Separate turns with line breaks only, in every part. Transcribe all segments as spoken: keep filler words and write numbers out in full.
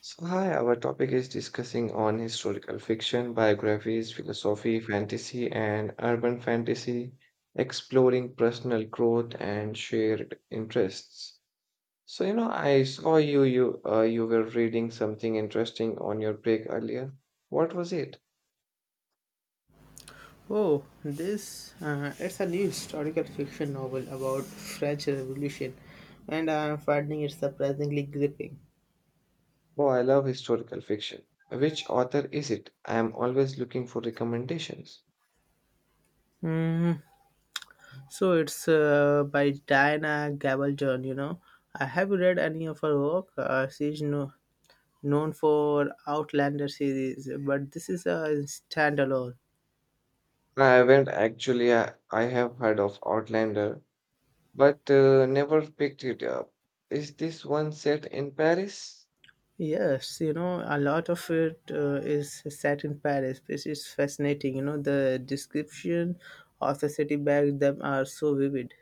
So, hi, our topic is discussing on historical fiction, biographies, philosophy, fantasy, and urban fantasy, exploring personal growth and shared interests. So, you know, I saw you you uh, you were reading something interesting on your break earlier. What was it?
Oh, this uh, it's a new historical fiction novel about French Revolution, and I'm finding it surprisingly gripping.
Oh, I love historical fiction. Which author is it? I am always looking for recommendations.
Mm, so it's uh, by Diana Gabaldon. You know, I have you read any of her work. Uh, she's no, known for Outlander series, but this is a standalone.
I haven't actually. I, I have heard of Outlander. but uh, never picked it up. Is this one set in Paris?
Yes, you know, a lot of it uh, is set in Paris, which is fascinating. You know, the description of the city back then are so vivid.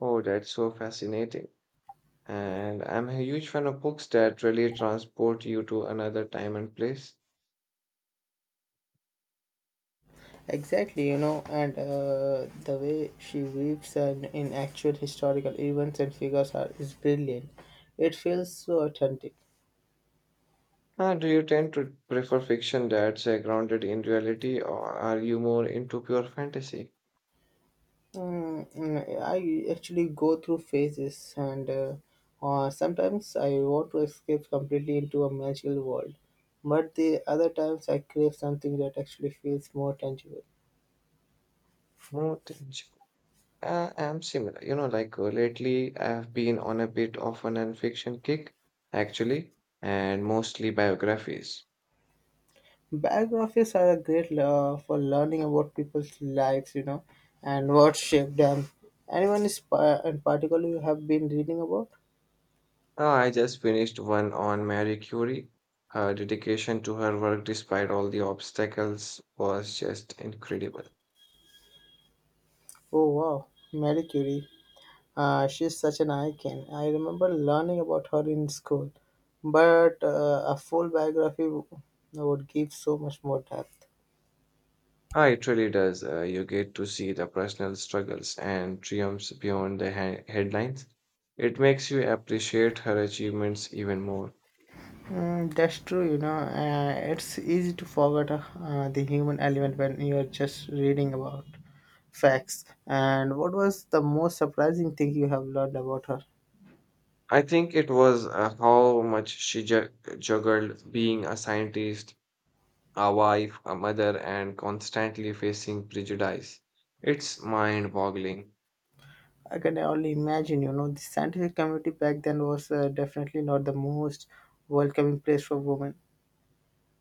Oh, that's so fascinating. And I'm a huge fan of books that really transport you to another time and place.
Exactly, you know, and uh, the way she weaves in, in actual historical events and figures are is brilliant. It feels so authentic.
Uh, do you tend to prefer fiction that's uh, grounded in reality, or are you more into pure fantasy?
Mm, mm, I actually go through phases, and uh, uh, sometimes I want to escape completely into a magical world, but the other times I crave something that actually feels more tangible.
More tangible. Uh, I'm similar. You know, like uh, lately, I've been on a bit of a non-fiction kick, actually, and mostly biographies.
Biographies are a great uh, for learning about people's lives, you know, and what shaped them. Anyone is pa- in particular you have been reading about?
Uh, I just finished one on Marie Curie. Her dedication to her work, despite all the obstacles, was just incredible.
Oh wow, Marie Curie. Uh, she's such an icon. I remember learning about her in school, but uh, a full biography w- would give so much more depth.
Ah, it really does. Uh, you get to see the personal struggles and triumphs beyond the he- headlines. It makes you appreciate her achievements even more.
Mm, that's true, you know. Uh, it's easy to forget uh, the human element when you're just reading about facts. And what was the most surprising thing you have learned about her?
I think it was uh, how much she ju- juggled being a scientist, a wife, a mother, and constantly facing prejudice. It's mind boggling.
I can only imagine, you know, the scientific community back then was uh, definitely not the most welcoming place for women.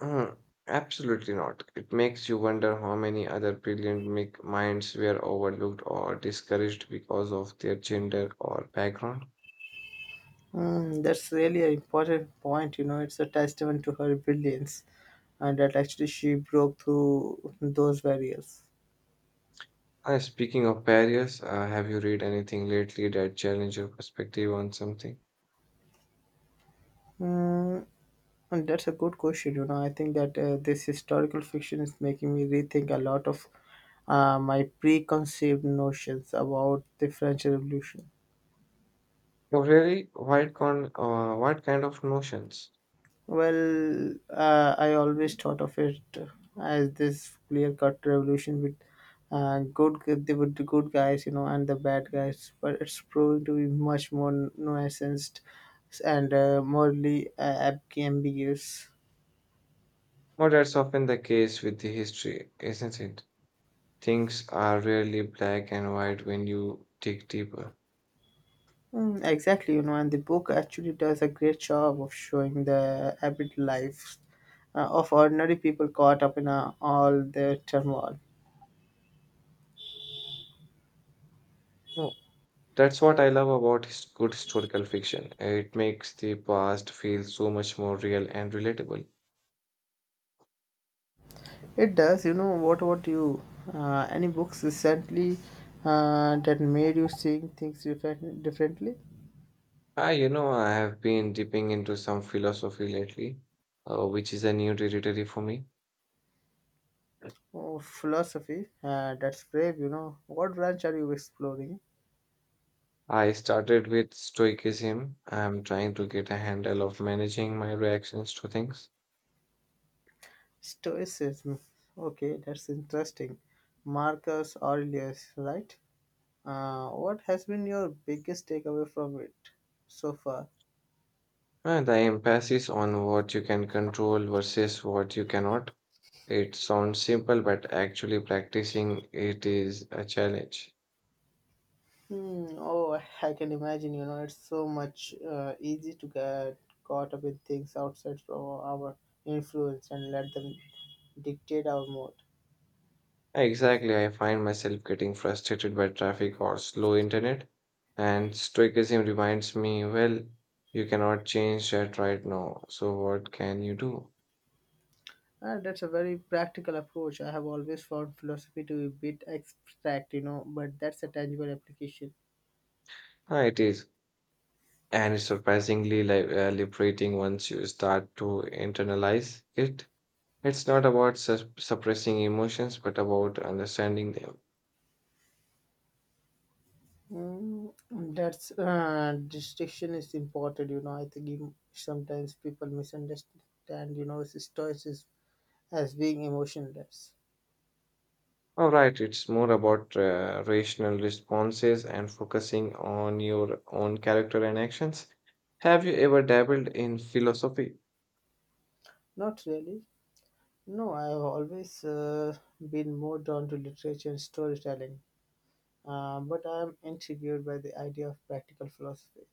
Mhm. Absolutely not. It makes you wonder how many other brilliant mi- minds were overlooked or discouraged because of their gender or background.
Mm, that's really an important point, you know. It's a testament to her brilliance and that actually she broke through those barriers.
Uh, speaking of barriers, uh, have you read anything lately that challenge your perspective on something?
Mm, And that's a good question. You know, I think that uh, this historical fiction is making me rethink a lot of uh, my preconceived notions about the French Revolution.
Oh, really? What, con- uh, what kind of notions?
Well, uh, I always thought of it as this clear-cut revolution with uh, good the with the good guys, you know, and the bad guys. But it's proven to be much more nuanced and uh, morally uh, ambiguous.
Well, that's often the case with the history, isn't it? Things are rarely black and white when you dig deeper.
Mm, exactly, you know, and the book actually does a great job of showing the arid lives uh, of ordinary people caught up in uh, all their turmoil.
That's what I love about his good historical fiction. It makes the past feel so much more real and relatable.
It does, you know. What about you? Uh, any books recently uh, that made you seeing things different, differently?
Ah, you know, I have been dipping into some philosophy lately, uh, which is a new territory for me.
Oh, philosophy. Uh, that's brave, you know. What branch are you exploring?
I started with stoicism. I'm trying to get a handle of managing my reactions to things.
Stoicism. Okay, that's interesting. Marcus Aurelius, right? Uh, what has been your biggest takeaway from it so far?
And the emphasis on what you can control versus what you cannot. It sounds simple, but actually practicing it is a challenge.
Hmm, oh, I can imagine. You know, it's so much uh, easy to get caught up in things outside from our influence and let them dictate our mood.
Exactly, I find myself getting frustrated by traffic or slow internet, and stoicism reminds me, well, you cannot change that right now, so what can you do?
Uh, that's a very practical approach. I have always found philosophy to be a bit abstract, you know, but that's a tangible application.
Ah, it is, and it's surprisingly li- uh, liberating once you start to internalize it. It's not about sus- suppressing emotions, but about understanding them.
Mm, that's uh, distinction is important, you know. I think you, sometimes people misunderstand, you know, stoicism as being emotionless.
All right, it's more about uh, rational responses and focusing on your own character and actions. Have you ever dabbled in philosophy?
Not really. No, I have always uh, been more drawn to literature and storytelling, uh, but I am intrigued by the idea of practical philosophy.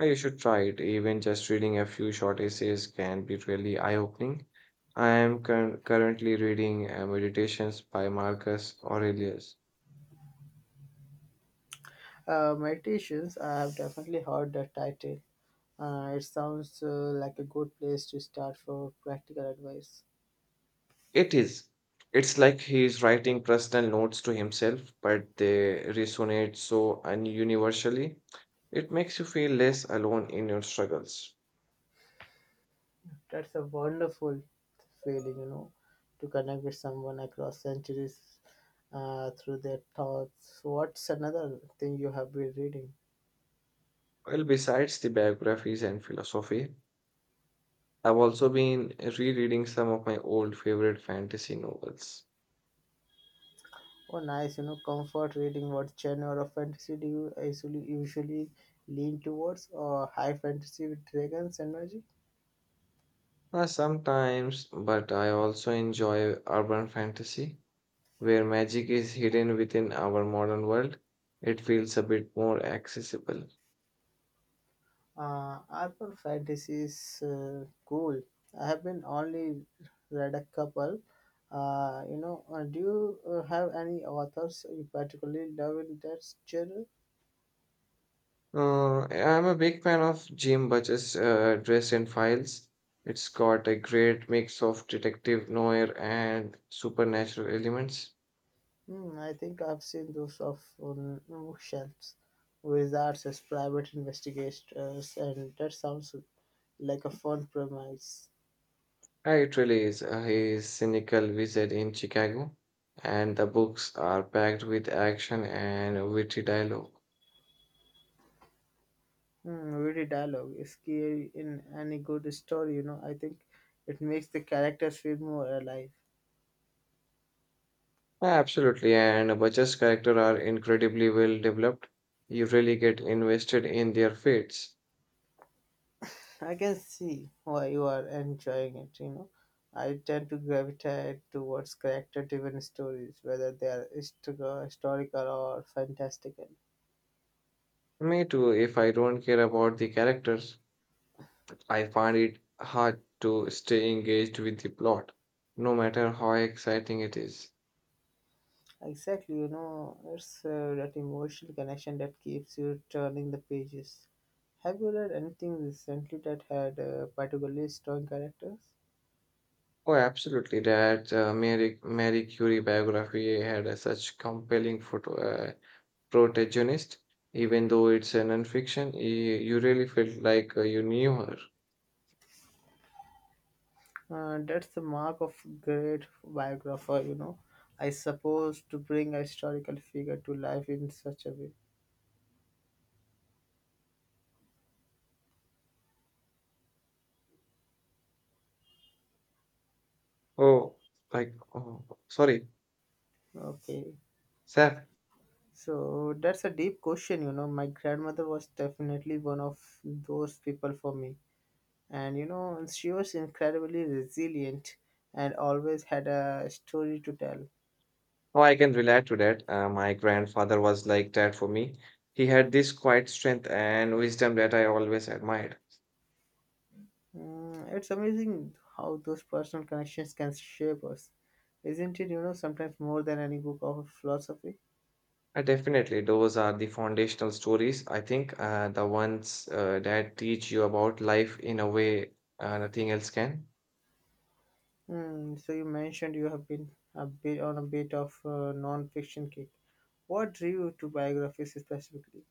Uh, You should try it. Even just reading a few short essays can be really eye-opening. I am cur- currently reading uh, Meditations by Marcus Aurelius.
Uh, meditations, I have definitely heard that title. Uh, it sounds uh, like a good place to start for practical advice.
It is. It's like he is writing personal notes to himself, but they resonate so un- universally. It makes you feel less alone in your struggles.
That's a wonderful feeling, you know, to connect with someone across centuries uh, through their thoughts. What's another thing you have been reading?
Well, besides the biographies and philosophy, I've also been rereading some of my old favorite fantasy novels.
Oh, nice. You know, comfort reading. What genre of fantasy do you usually usually lean towards? Or high fantasy with dragons energy?
Uh, sometimes, but I also enjoy urban fantasy, where magic is hidden within our modern world. It feels a bit more accessible.
Uh, urban fantasy is uh, cool. I have been only read a couple. Uh, you know, uh, do you uh, have any authors you particularly love in that genre?
Uh, I'm a big fan of Jim Butcher's uh, Dress and Files. It's got a great mix of detective noir and supernatural elements.
Hmm, I think I've seen those of um, bookshelves, wizards as private investigators, and that sounds like a fun premise.
Uh, It really is. Uh, he is cynical wizard in Chicago, and the books are packed with action and witty dialogue.
Mm, every dialogue is key in any good story, you know. I think it makes the characters feel more alive.
Yeah, absolutely, and Butcher's characters are incredibly well developed. You really get invested in their fates.
I can see why you are enjoying it, you know. I tend to gravitate towards character driven stories, whether they are histo- historical or fantastical.
Me too, if I don't care about the characters, I find it hard to stay engaged with the plot, no matter how exciting it is.
Exactly, you know, it's uh, that emotional connection that keeps you turning the pages. Have you read anything recently that had uh, particularly strong characters?
Oh, absolutely, that uh, Mary, Mary Curie biography had uh, such compelling photo. Uh, protagonist, even though it's a non-fiction, y- you really felt like uh, you knew her.
Uh, that's the mark of great biographer, you know. I suppose to bring a historical figure to life in such a way.
Oh, like, oh, sorry,
Okay,
Seth.
so that's a deep question, you know. My grandmother was definitely one of those people for me, and you know, she was incredibly resilient and always had a story to tell.
Oh, I can relate to that. Uh, my grandfather was like that for me. He had this quiet strength and wisdom that I always admired.
Mm, it's amazing how those personal connections can shape us, isn't it? You know, sometimes more than any book of philosophy.
Uh, definitely, those are the foundational stories. I think uh, the ones uh, that teach you about life in a way uh, nothing else can.
Hmm, so you mentioned you have been a bit on a bit of uh, non-fiction kick. What drew you to biographies specifically?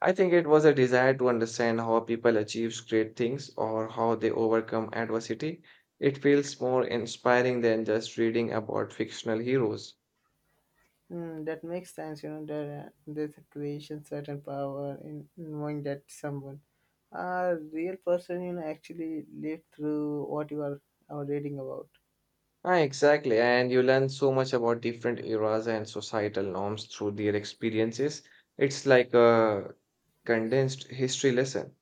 I think it was a desire to understand how people achieve great things or how they overcome adversity. It feels more inspiring than just reading about fictional heroes.
Hmm, that makes sense. You know, there, uh, there's a creation certain power in knowing that someone, a real person, you know, actually lived through what you are, are reading about.
Ah, exactly, and you learn so much about different eras and societal norms through their experiences. It's like a condensed history lesson.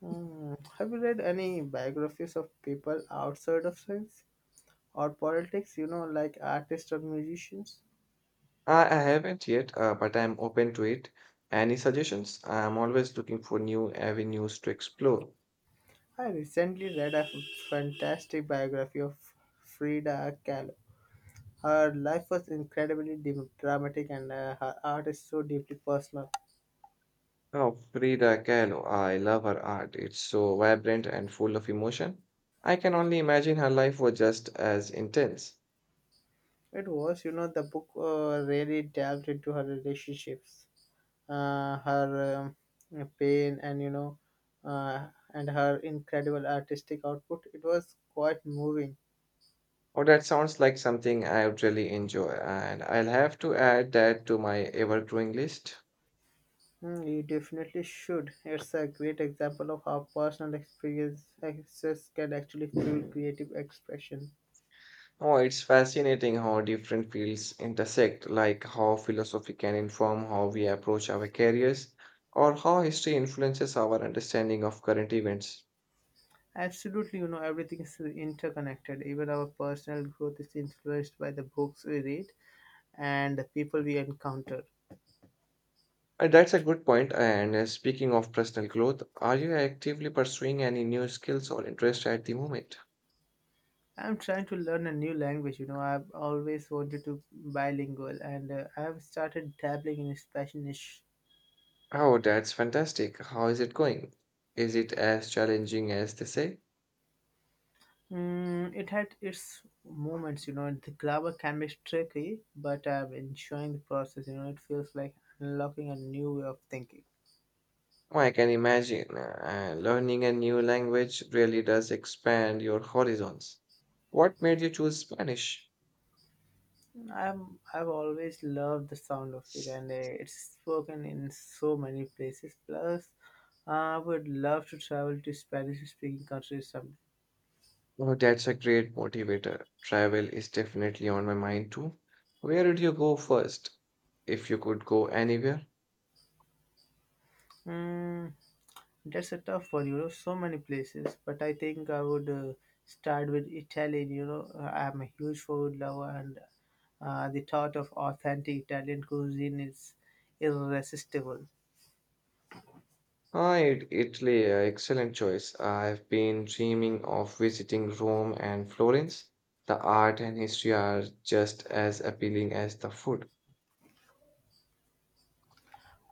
Hmm. Have you read any biographies of people outside of science or politics? You know, like artists or musicians?
I, I haven't yet, uh, but I'm open to it. Any suggestions? I'm always looking for new avenues to explore.
I recently read a fantastic biography of Frida Kahlo. Her life was incredibly dim- dramatic and uh, her art is so deeply personal.
Oh, Frida Kahlo, I love her art. It's so vibrant and full of emotion. I can only imagine her life was just as intense.
It was, you know, the book uh, really delved into her relationships, uh, her um, pain, and, you know, uh, and her incredible artistic output. It was quite moving.
Oh, that sounds like something I would really enjoy, and I'll have to add that to my ever-growing list.
Hmm, you definitely should. It's a great example of how personal experiences can actually fuel creative expression.
Oh, it's fascinating how different fields intersect, like how philosophy can inform how we approach our careers, or how history influences our understanding of current events.
Absolutely, you know, everything is interconnected. Even our personal growth is influenced by the books we read and the people we encounter.
Uh, That's a good point. And uh, speaking of personal growth, are you actively pursuing any new skills or interests at the moment?
I'm trying to learn a new language, you know, I've always wanted to bilingual and uh, I've started dabbling in Spanish.
Oh, that's fantastic. How is it going? Is it as challenging as they say?
Mm, it had its moments, you know, the grammar can be tricky, but I'm enjoying the process, you know, it feels like unlocking a new way of thinking.
Oh, I can imagine. Uh, learning a new language really does expand your horizons. What made you choose Spanish?
I'm I've always loved the sound of it, and uh, it's spoken in so many places. Plus, I would love to travel to Spanish-speaking countries someday.
Oh, that's a great motivator. Travel is definitely on my mind too. Where did you go first? If you could go anywhere?
Mm, that's a tough one, you know. So many places, but I think I would uh, start with Italian. You know, Uh, I'm a huge food lover, and uh, the thought of authentic Italian cuisine is irresistible.
Ah, it, Italy, uh, excellent choice. I've been dreaming of visiting Rome and Florence. The art and history are just as appealing as the food.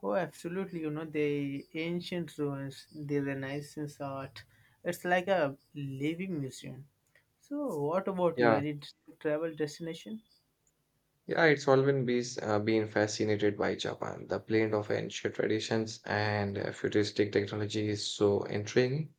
Oh, absolutely. You know, the ancient ruins, the Renaissance art, it's like a living museum. So, what about you?
Yeah,
Any travel destination?
yeah, it's always been, uh, been fascinated by Japan. The blend of ancient traditions and uh, futuristic technology is so intriguing.